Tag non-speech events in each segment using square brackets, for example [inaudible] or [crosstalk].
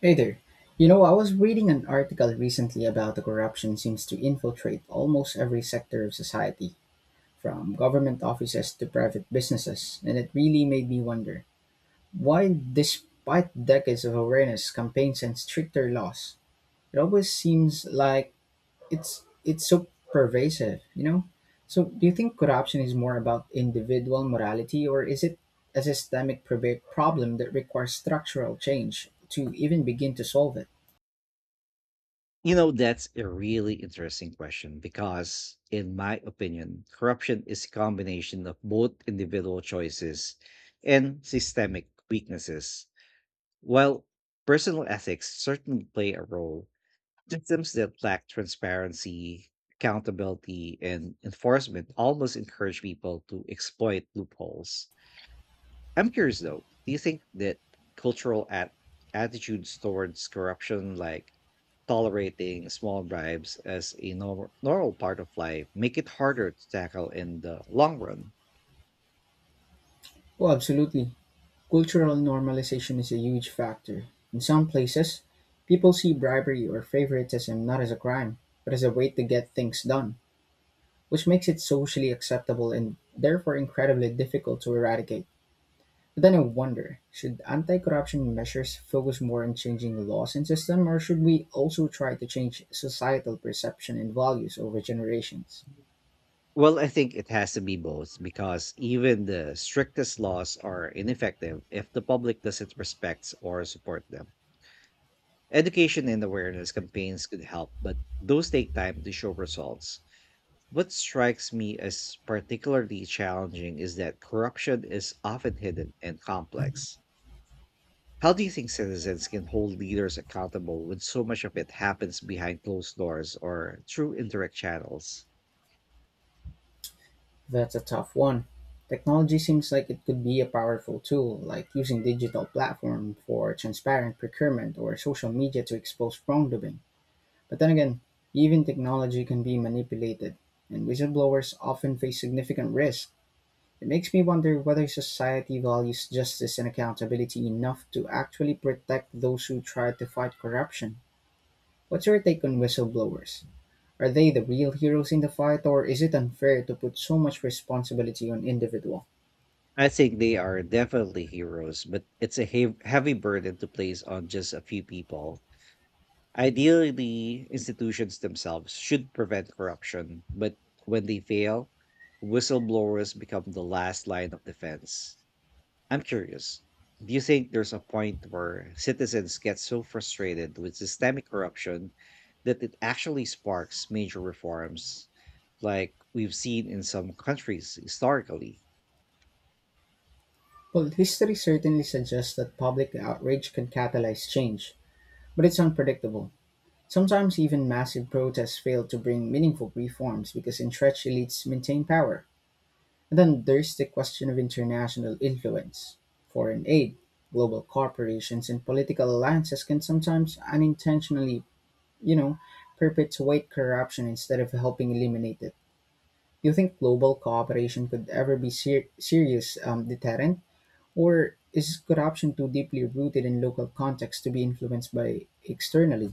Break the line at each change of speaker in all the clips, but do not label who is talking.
Hey there. You know, I was reading an article recently about the corruption seems to infiltrate almost every sector of society, from government offices to private businesses, and it really made me wonder why, despite decades of awareness, campaigns, and stricter laws, it always seems like it's so pervasive. You know, so do you think corruption is more about individual morality, or is it a systemic problem that requires structural change to even begin to solve it?
You know, that's a really interesting question because, in my opinion, corruption is a combination of both individual choices and systemic weaknesses. While personal ethics certainly play a role, systems that lack transparency, accountability, and enforcement almost encourage people to exploit loopholes. I'm curious though, do you think that cultural attitudes towards corruption, like tolerating small bribes as a normal part of life make it harder to tackle in the long run?
Oh, absolutely. Cultural normalization is a huge factor. In some places, people see bribery or favoritism not as a crime, but as a way to get things done, which makes it socially acceptable and therefore incredibly difficult to eradicate. But then I wonder, should anti corruption measures focus more on changing laws and system, or should we also try to change societal perception and values over generations?
Well, I think it has to be both because even the strictest laws are ineffective if the public doesn't respect or support them. Education and awareness campaigns could help, but those take time to show results. What strikes me as particularly challenging is that corruption is often hidden and complex. How do you think citizens can hold leaders accountable when so much of it happens behind closed doors or through indirect channels?
That's a tough one. Technology seems like it could be a powerful tool, like using digital platform for transparent procurement or social media to expose wrongdoing. But then again, even technology can be manipulated, and whistleblowers often face significant risk. It makes me wonder whether society values justice and accountability enough to actually protect those who try to fight corruption. What's your take on whistleblowers? Are they the real heroes in the fight, or is it unfair to put so much responsibility on individuals?
I think they are definitely heroes, but it's a heavy burden to place on just a few people. Ideally, institutions themselves should prevent corruption, but when they fail, whistleblowers become the last line of defense. I'm curious. Do you think there's a point where citizens get so frustrated with systemic corruption that it actually sparks major reforms like we've seen in some countries historically?
Well, history certainly suggests that public outrage can catalyze change, but it's unpredictable. Sometimes even massive protests fail to bring meaningful reforms because entrenched elites maintain power. And then there's the question of international influence. Foreign aid, global corporations, and political alliances can sometimes unintentionally, you know, perpetuate corruption instead of helping eliminate it. Do you think global cooperation could ever be serious deterrent? Or is corruption too deeply rooted in local context to be influenced by externally?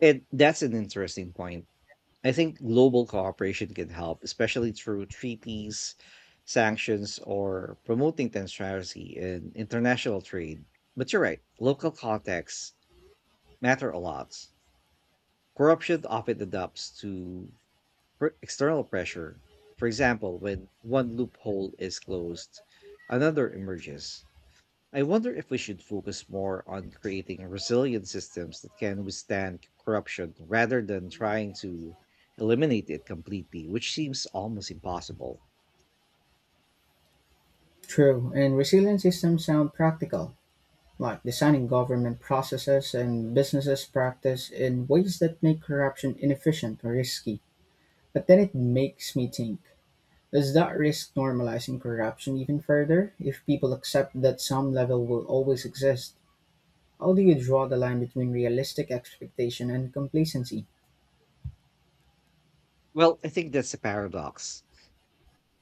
And that's an interesting point. I think global cooperation can help, especially through treaties, sanctions, or promoting transparency in international trade. But you're right, local contexts matter a lot. Corruption often adapts to external pressure. For example, when one loophole is closed, another emerges. I wonder if we should focus more on creating resilient systems that can withstand corruption rather than trying to eliminate it completely, which seems almost impossible.
True, and resilient systems sound practical, like designing government processes and businesses practice in ways that make corruption inefficient or risky. But then it makes me think, does that risk normalizing corruption even further if people accept that some level will always exist? How do you draw the line between realistic expectation and complacency?
Well, I think that's a paradox.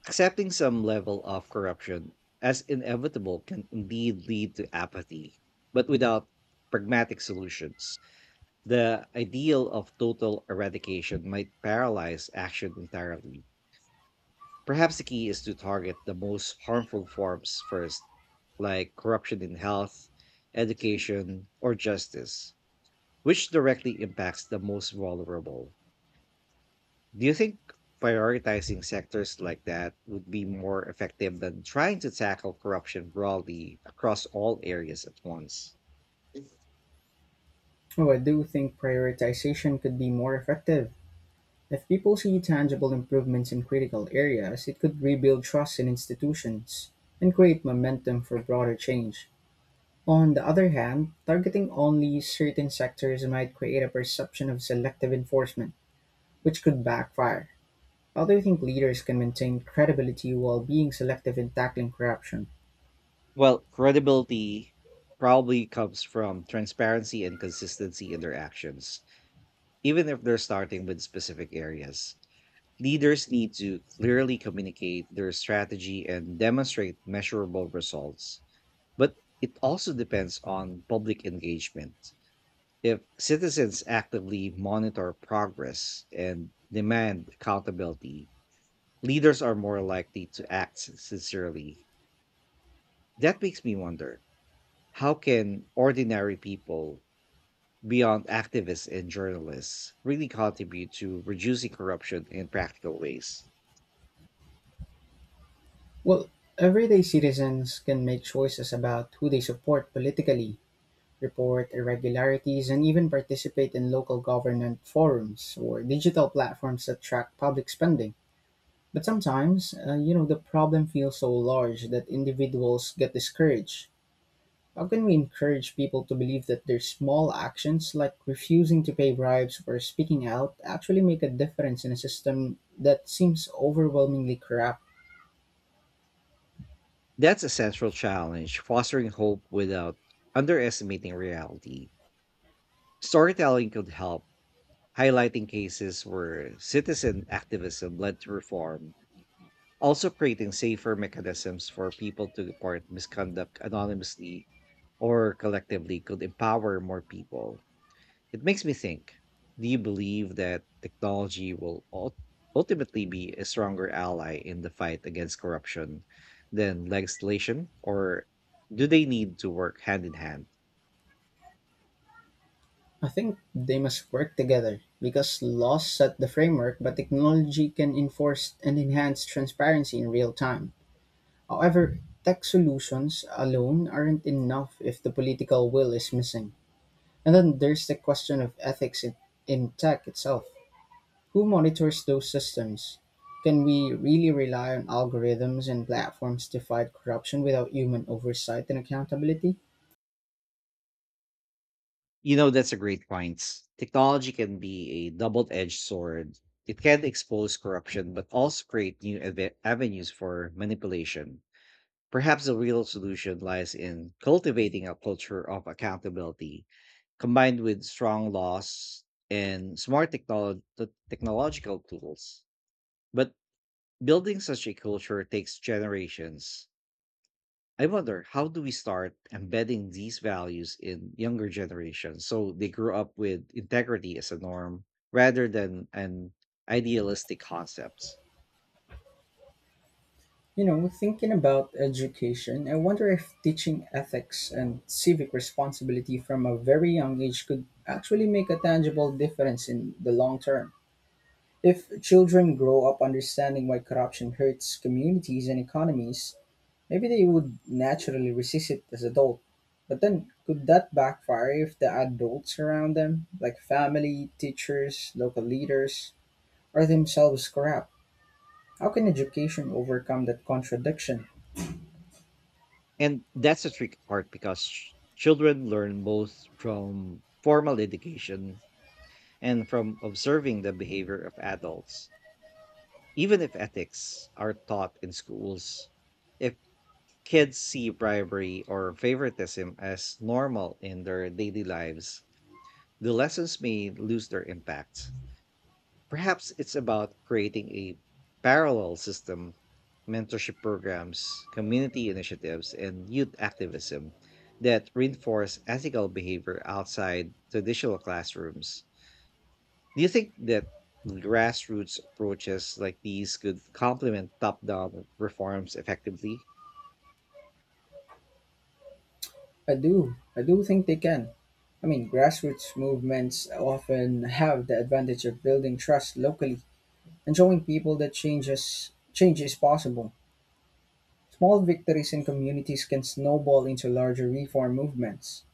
Accepting some level of corruption as inevitable can indeed lead to apathy, but without pragmatic solutions. The ideal of total eradication might paralyze action entirely. Perhaps the key is to target the most harmful forms first, like corruption in health, education, or justice, which directly impacts the most vulnerable. Do you think prioritizing sectors like that would be more effective than trying to tackle corruption broadly across all areas at once?
Oh, I do think prioritization could be more effective. If people see tangible improvements in critical areas, it could rebuild trust in institutions and create momentum for broader change. On the other hand, targeting only certain sectors might create a perception of selective enforcement, which could backfire. How do you think leaders can maintain credibility while being selective in tackling corruption?
Well, credibility probably comes from transparency and consistency in their actions, even if they're starting with specific areas. Leaders need to clearly communicate their strategy and demonstrate measurable results. But it also depends on public engagement. If citizens actively monitor progress and demand accountability, leaders are more likely to act sincerely. That makes me wonder. How can ordinary people, beyond activists and journalists, really contribute to reducing corruption in practical ways?
Well, everyday citizens can make choices about who they support politically, report irregularities, and even participate in local government forums or digital platforms that track public spending. But sometimes, you know, the problem feels so large that individuals get discouraged. How can we encourage people to believe that their small actions, like refusing to pay bribes or speaking out, actually make a difference in a system that seems overwhelmingly corrupt?
That's a central challenge, fostering hope without underestimating reality. Storytelling could help, highlighting cases where citizen activism led to reform, also creating safer mechanisms for people to report misconduct anonymously or collectively could empower more people. It makes me think, do you believe that technology will ultimately be a stronger ally in the fight against corruption than legislation, or do they need to work hand in hand?
I think they must work together, because laws set the framework, but technology can enforce and enhance transparency in real time. However, tech solutions alone aren't enough if the political will is missing. And then there's the question of ethics in tech itself. Who monitors those systems? Can we really rely on algorithms and platforms to fight corruption without human oversight and accountability?
You know, that's a great point. Technology can be a double edged sword. It can expose corruption, but also create new avenues for manipulation. Perhaps the real solution lies in cultivating a culture of accountability combined with strong laws and smart technological tools. But building such a culture takes generations. I wonder, how do we start embedding these values in younger generations so they grow up with integrity as a norm rather than an idealistic concepts?
You know, thinking about education, I wonder if teaching ethics and civic responsibility from a very young age could actually make a tangible difference in the long term. If children grow up understanding why corruption hurts communities and economies, maybe they would naturally resist it as adults. But then, could that backfire if the adults around them, like family, teachers, local leaders, are themselves corrupt? How can education overcome that contradiction?
And that's a tricky part because children learn both from formal education and from observing the behavior of adults. Even if ethics are taught in schools, if kids see bribery or favoritism as normal in their daily lives, the lessons may lose their impact. Perhaps it's about creating a parallel system, mentorship programs, community initiatives, and youth activism that reinforce ethical behavior outside traditional classrooms. Do you think that grassroots approaches like these could complement top down reforms effectively?
I do. I do think they can. I mean, grassroots movements often have the advantage of building trust locally and showing people that change is possible. Small victories in communities can snowball into larger reform movements.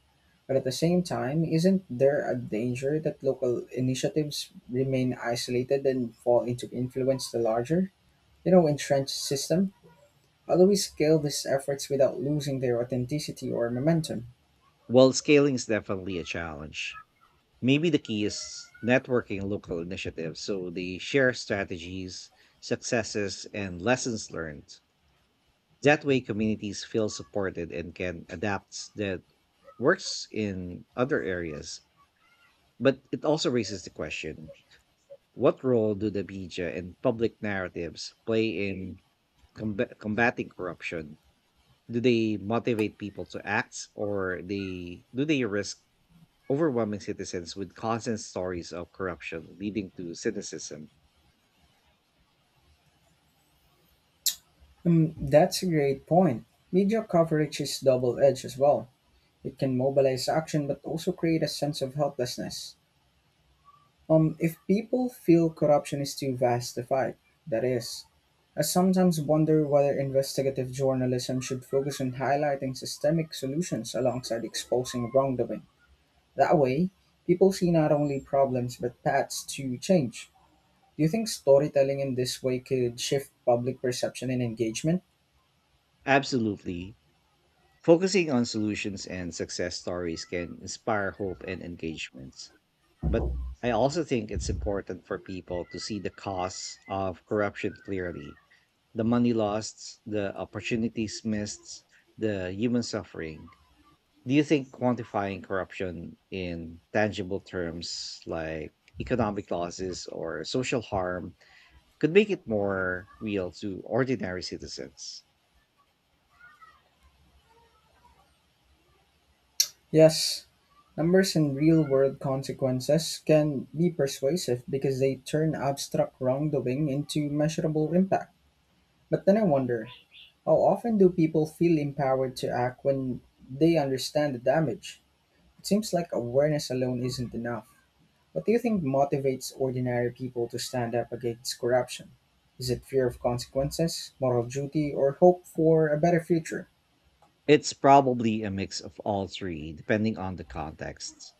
But at the same time, isn't there a danger that local initiatives remain isolated and fall into influence the larger, you know, entrenched system? How do we scale these efforts without losing their authenticity or momentum?
Well, scaling is definitely a challenge. Maybe the key is networking local initiatives so they share strategies, successes, and lessons learned. That way, communities feel supported and can adapt that works in other areas. But it also raises the question, what role do the media and public narratives play in combating corruption? Do they motivate people to act, or they risk overwhelming citizens with constant stories of corruption leading to cynicism?
That's a great point. Media coverage is double edged as well. It can mobilize action but also create a sense of helplessness. If people feel corruption is too vast to fight, that is. I sometimes wonder whether investigative journalism should focus on highlighting systemic solutions alongside exposing wrongdoing. That way, people see not only problems but paths to change. Do you think storytelling in this way could shift public perception and engagement?
Absolutely, focusing on solutions and success stories can inspire hope and engagements, but I also think it's important for people to see the costs of corruption clearly, the money lost, the opportunities missed, the human suffering. Do you think quantifying corruption in tangible terms like economic losses or social harm could make it more real to ordinary citizens?
Yes, numbers and real world consequences can be persuasive because they turn abstract wrongdoing into measurable impact. But then I wonder, how often do people feel empowered to act when they understand the damage? It seems like awareness alone isn't enough. What do you think motivates ordinary people to stand up against corruption? Is it fear of consequences, moral duty, or hope for a better future?
It's probably a mix of all three, depending on the context.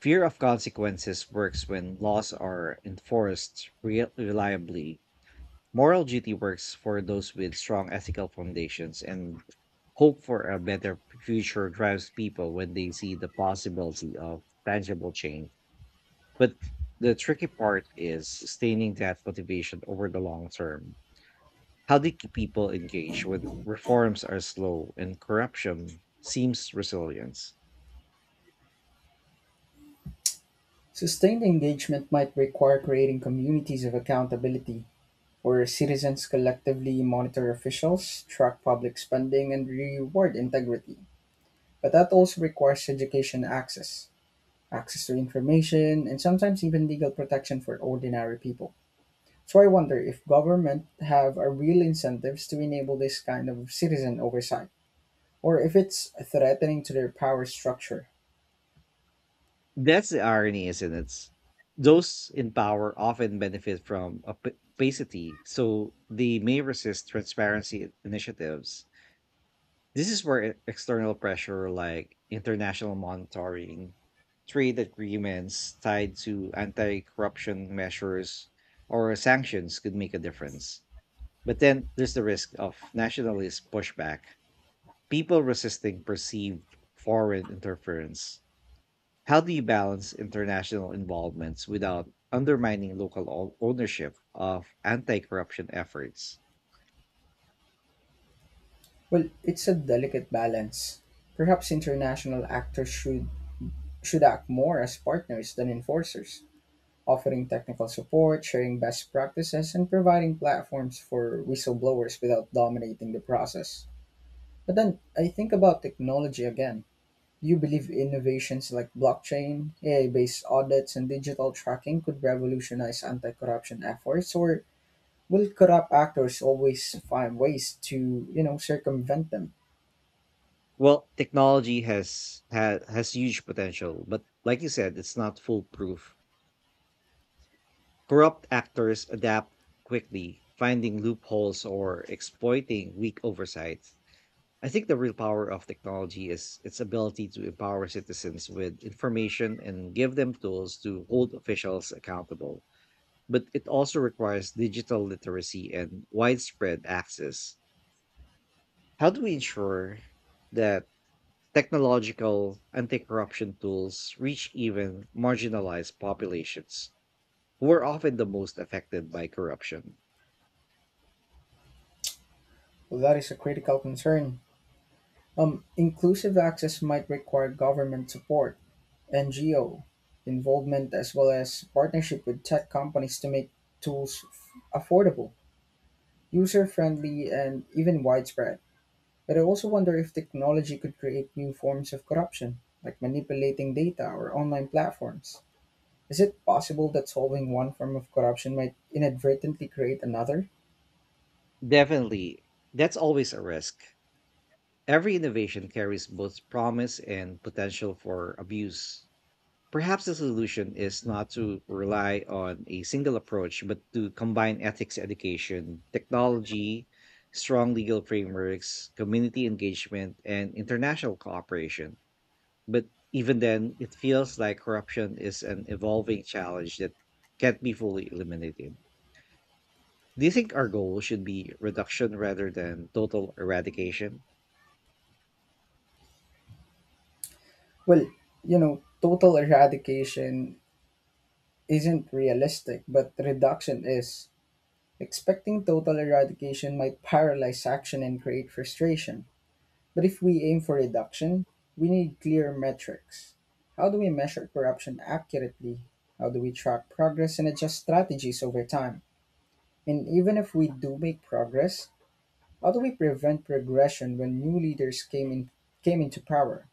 Fear of consequences works when laws are enforced reliably. Moral duty works for those with strong ethical foundations, and hope for a better future drives people when they see the possibility of tangible change. But the tricky part is sustaining that motivation over the long term. How do you keep people engaged when reforms are slow and corruption seems resilience?
Sustained engagement might require creating communities of accountability where citizens collectively monitor officials, track public spending, and reward integrity. But that also requires access to information, and sometimes even legal protection for ordinary people. So I wonder if government have a real incentives to enable this kind of citizen oversight, or if it's threatening to their power structure.
That's the irony, isn't it? Those in power often benefit from opacity, so they may resist transparency initiatives. This is where external pressure like international monitoring, trade agreements tied to anti corruption measures, or sanctions could make a difference. But then there's the risk of nationalist pushback, people resisting perceived foreign interference. How do you balance international involvements without undermining local ownership of anti corruption efforts?
Well, it's a delicate balance. Perhaps international actors should act more as partners than enforcers, offering technical support, sharing best practices, and providing platforms for whistleblowers without dominating the process. But then I think about technology again. Do you believe innovations like blockchain, AI based audits, and digital tracking could revolutionize anti corruption efforts, or will corrupt actors always find ways to, you know, circumvent them?
Well, technology has huge potential, but like you said, it's not foolproof. Corrupt actors adapt quickly, finding loopholes or exploiting weak oversight. I think the real power of technology is its ability to empower citizens with information and give them tools to hold officials accountable. But it also requires digital literacy and widespread access. How do we ensure that technological anti-corruption tools reach even marginalized populations who are often the most affected by corruption?
Well, that is a critical concern. Inclusive access might require government support, NGO involvement as well as partnership with tech companies to make tools affordable, user friendly, and even widespread. But I also wonder if technology could create new forms of corruption, like manipulating data or online platforms. Is it possible that solving one form of corruption might inadvertently create another?
Definitely, that's always a risk. Every innovation carries both promise and potential for abuse. Perhaps the solution is not to rely on a single approach, but to combine ethics education, technology, strong legal frameworks, community engagement, and international cooperation. But even then, it feels like corruption is an evolving challenge that can't be fully eliminated. Do you think our goal should be reduction rather than total eradication?
Well, you know, total eradication isn't realistic, but reduction is. Expecting total eradication might paralyze action and create frustration. But if we aim for reduction, we need clear metrics. How do we measure corruption accurately? How do we track progress and adjust strategies over time? And even if we do make progress, how do we prevent regression when new leaders came into power?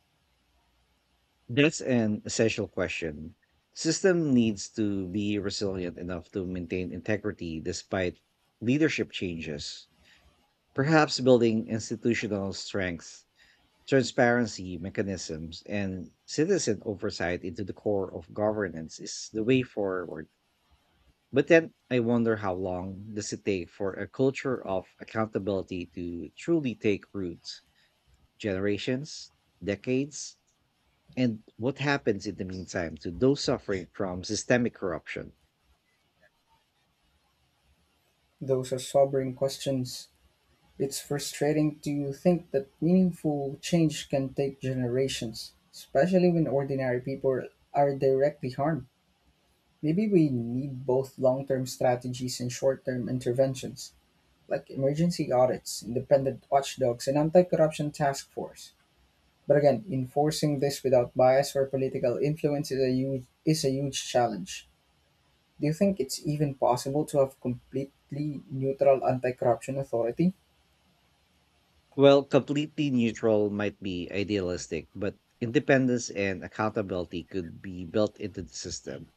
That's an essential question. System needs to be resilient enough to maintain integrity despite leadership changes. Perhaps building institutional strength, transparency mechanisms, and citizen oversight into the core of governance is the way forward. But then I wonder, how long does it take for a culture of accountability to truly take root? Generations, decades, and what happens in the meantime to those suffering from systemic corruption?
Those are sobering questions. It's frustrating to think that meaningful change can take generations, especially when ordinary people are directly harmed. Maybe we need both long term strategies and short term interventions, like emergency audits, independent watchdogs, and anti corruption task force. But again, enforcing this without bias or political influence is a huge challenge. Do you think it's even possible to have completely neutral anti corruption authority?
Well, completely neutral might be idealistic, but independence and accountability could be built into the system.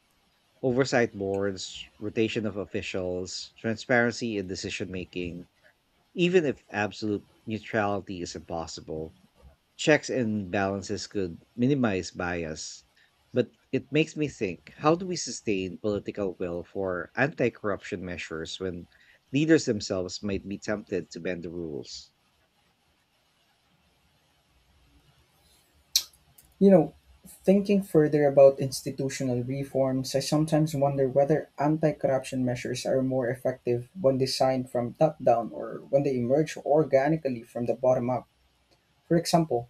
Oversight boards, rotation of officials, transparency in decision making, even if absolute neutrality is impossible. Checks and balances could minimize bias, but it makes me think, how do we sustain political will for anti corruption measures when leaders themselves might be tempted to bend the rules?
You know, thinking further about institutional reforms, I sometimes wonder whether anti corruption measures are more effective when designed from top down or when they emerge organically from the bottom up. For example,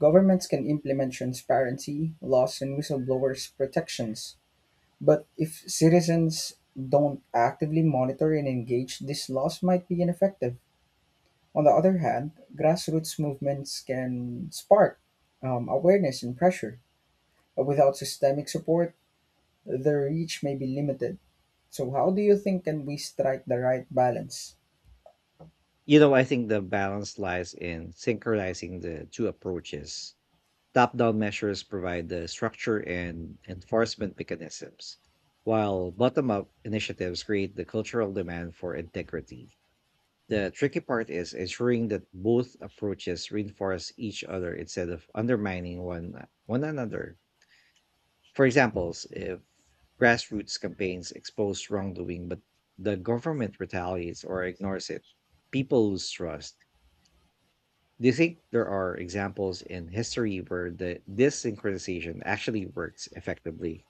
governments can implement transparency, laws, and whistleblowers' protections, but if citizens don't actively monitor and engage, these laws might be ineffective. On the other hand, grassroots movements can spark awareness and pressure. Without systemic support, their reach may be limited. So how do you think can we strike the right balance?
You know, I think the balance lies in synchronizing the two approaches. Top down measures provide the structure and enforcement mechanisms, while bottom up initiatives create the cultural demand for integrity. The tricky part is ensuring that both approaches reinforce each other instead of undermining one another. For examples, if grassroots campaigns expose wrongdoing but the government retaliates or ignores it, people lose trust. Do you think there are examples in history where the this synchronization actually works effectively?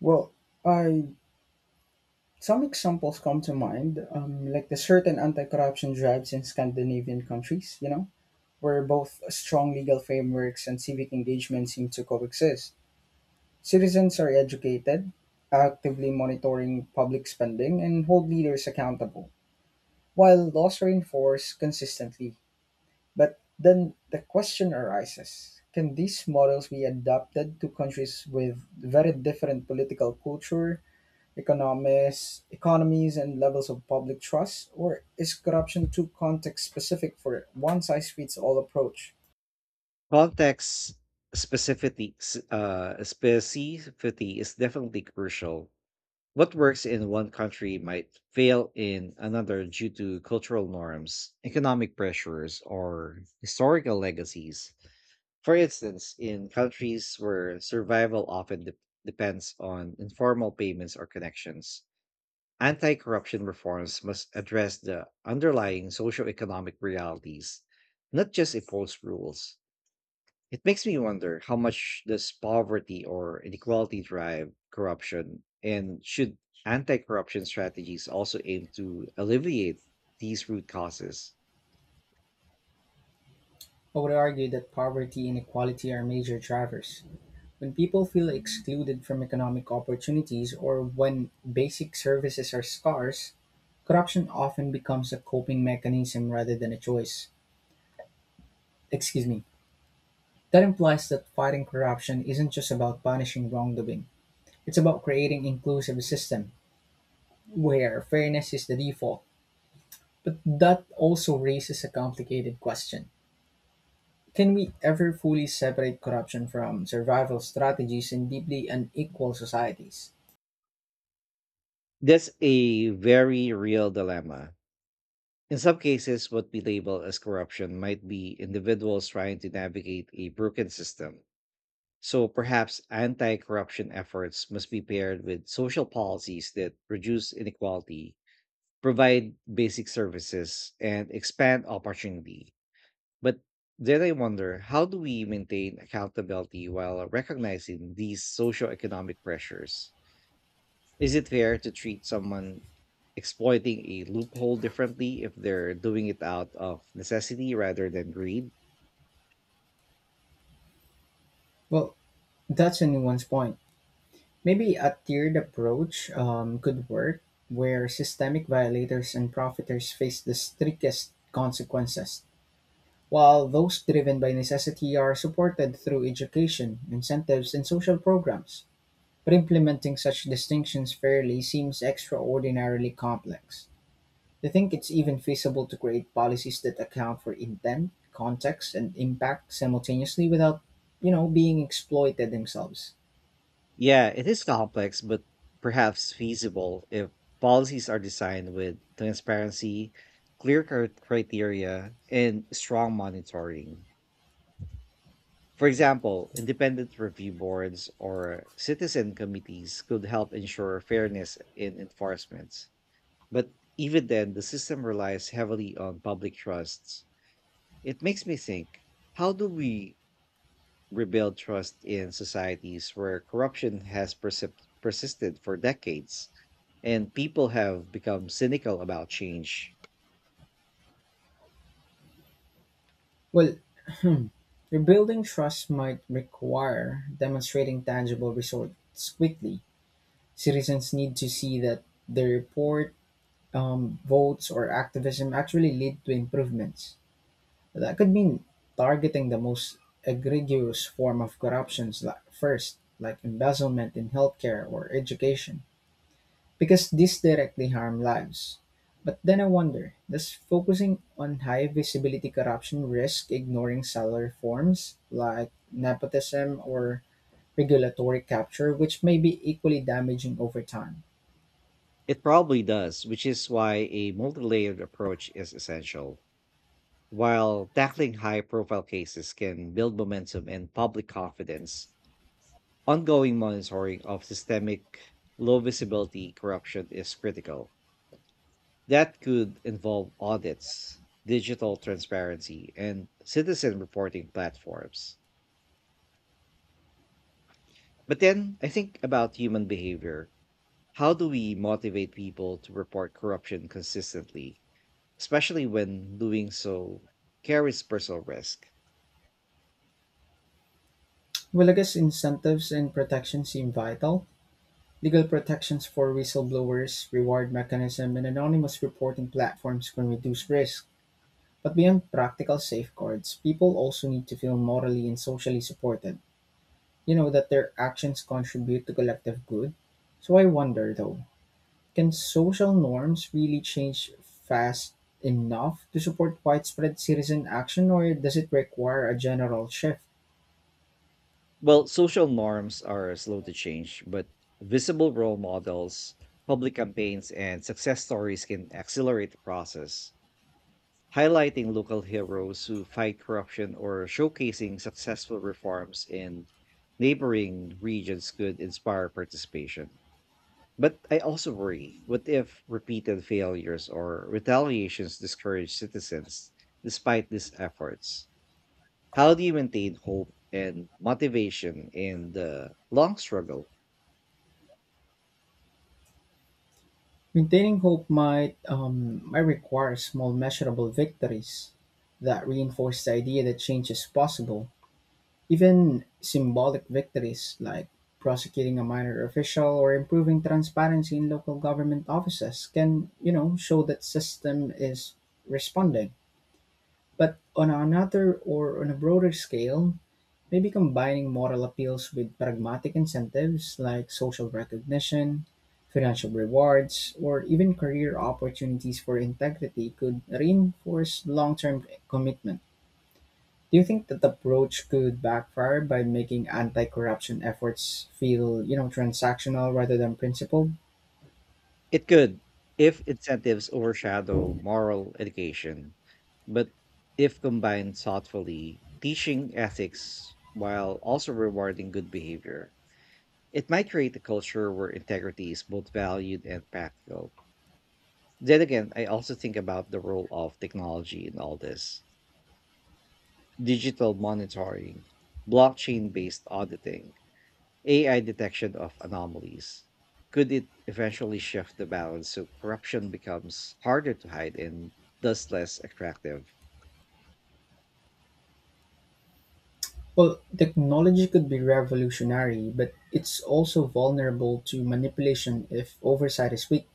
Well, I Some examples come to mind, like the certain anti-corruption drives in Scandinavian countries, you know, where both strong legal frameworks and civic engagement seem to coexist. Citizens are educated, actively monitoring public spending, and hold leaders accountable, while laws are enforced consistently. But then the question arises, can these models be adapted to countries with very different political culture, economies, and levels of public trust? Or is corruption too context specific for one size fits all approach?
Context specificity is definitely crucial. What works in one country might fail in another due to cultural norms, economic pressures, or historical legacies. For instance, in countries where survival often depends on informal payments or connections, anti corruption reforms must address the underlying socio-economic realities, not just impose rules. It makes me wonder, how much does poverty or inequality drive corruption, and should anti-corruption strategies also aim to alleviate these root causes?
I would argue that poverty and inequality are major drivers. When people feel excluded from economic opportunities or when basic services are scarce, corruption often becomes a coping mechanism rather than a choice. Excuse me. That implies that fighting corruption isn't just about punishing wrongdoing. It's about creating inclusive system where fairness is the default. But that also raises a complicated question. Can we ever fully separate corruption from survival strategies in deeply unequal societies?
That's a very real dilemma. In some cases, what we label as corruption might be individuals trying to navigate a broken system. So perhaps anti corruption efforts must be paired with social policies that reduce inequality, provide basic services, and expand opportunity. But then I wonder, how do we maintain accountability while recognizing these socioeconomic pressures? Is it fair to treat someone exploiting a loophole differently if they're doing it out of necessity rather than greed?
Well, that's a nuanced point. Maybe a tiered approach could work, where systemic violators and profiteers face the strictest consequences while those driven by necessity are supported through education, incentives, and social programs. But implementing such distinctions fairly seems extraordinarily complex. Do you think it's even feasible to create policies that account for intent, context, and impact simultaneously without, you know, being exploited themselves?
Yeah, it is complex, but perhaps feasible if policies are designed with transparency, clear criteria, and strong monitoring. For example, independent review boards or citizen committees could help ensure fairness in enforcement. But even then, the system relies heavily on public trusts. It makes me think, how do we rebuild trust in societies where corruption has persisted for decades and people have become cynical about change?
Well, [clears throat] rebuilding trust might require demonstrating tangible results quickly. Citizens need to see that the report votes or activism actually lead to improvements. That could mean targeting the most egregious form of corruptions first, like embezzlement in healthcare or education, because these directly harm lives. But then I wonder, does focusing on high visibility corruption risk ignoring salary reforms like nepotism or regulatory capture, which may be equally damaging over time?
It probably does, which is why a multi layered approach is essential. While tackling high profile cases can build momentum and public confidence, ongoing monitoring of systemic low visibility corruption is critical. That could involve audits, digital transparency, and citizen reporting platforms. But then I think about human behavior. How do we motivate people to report corruption consistently, especially when doing so carries personal risk?
Well, I guess incentives and protection seem vital. Legal protections for whistleblowers, reward mechanisms, and anonymous reporting platforms can reduce risk, but beyond practical safeguards, people also need to feel morally and socially supported. You know that their actions contribute to collective good. So I wonder though, can social norms really change fast enough to support widespread citizen action, or does it require a general shift?
Well, social norms are slow to change, but visible role models, public campaigns, and success stories can accelerate the process. Highlighting local heroes who fight corruption or showcasing successful reforms in neighboring regions could inspire participation. But I also worry, what if repeated failures or retaliations discourage citizens despite these efforts? How do you maintain hope and motivation in the long struggle?
Maintaining hope might, might require small, measurable victories that reinforce the idea that change is possible. Even symbolic victories like prosecuting a minor official or improving transparency in local government offices can, you know, show that system is responding. But on another or on a broader scale, maybe combining moral appeals with pragmatic incentives like social recognition, financial rewards, or even career opportunities for integrity could reinforce long term commitment. Do you think that approach could backfire by making anti-corruption efforts feel, you know, transactional rather than principled?
It could, if incentives overshadow moral education, but if combined thoughtfully, teaching ethics while also rewarding good behavior, it might create a culture where integrity is both valued and practical. Then again, I also think about the role of technology in all this, digital monitoring, blockchain based auditing, AI detection of anomalies. Could it eventually shift the balance so corruption becomes harder to hide and thus less attractive?
Well, technology could be revolutionary, but it's also vulnerable to manipulation if oversight is weak.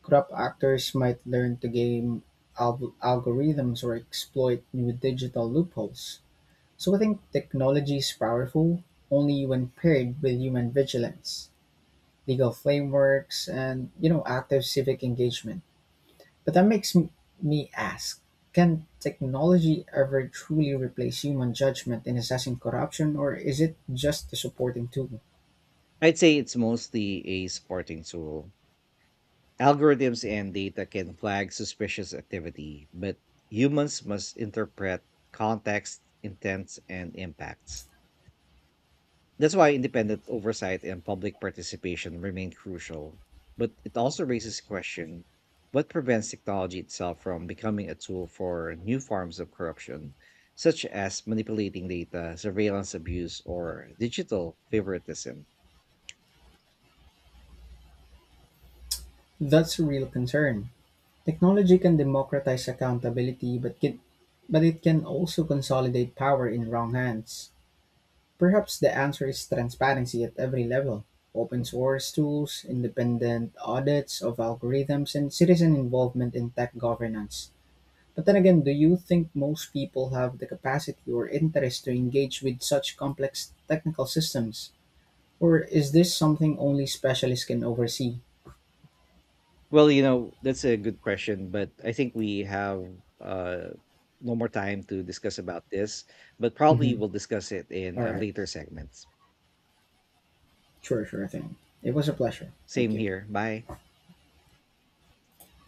Crop actors might learn to game algorithms or exploit new digital loopholes. So I think technology is powerful only when paired with human vigilance, legal frameworks, and you know active civic engagement. But that makes me ask: can technology ever truly replace human judgment in assessing corruption, or is it just a supporting tool?
I'd say it's mostly a supporting tool. Algorithms and data can flag suspicious activity, but humans must interpret context, intents, and impacts. That's why independent oversight and public participation remain crucial. But it also raises question, what prevents technology itself from becoming a tool for new forms of corruption, such as manipulating data, surveillance abuse, or digital favoritism?
That's a real concern. Technology can democratize accountability, but it can also consolidate power in wrong hands. Perhaps the answer is transparency at every level. Open source tools, independent audits of algorithms, and citizen involvement in tech governance. But then again, do you think most people have the capacity or interest to engage with such complex technical systems? Or is this something only specialists can oversee?
Well, you know, that's a good question, but I think we have uh, no more time to discuss about this, but probably
Mhm.
we'll discuss it in
All
a
right.
later segment.
Sure, sure thing. It was a pleasure. Thank
Same
you.
here. Bye.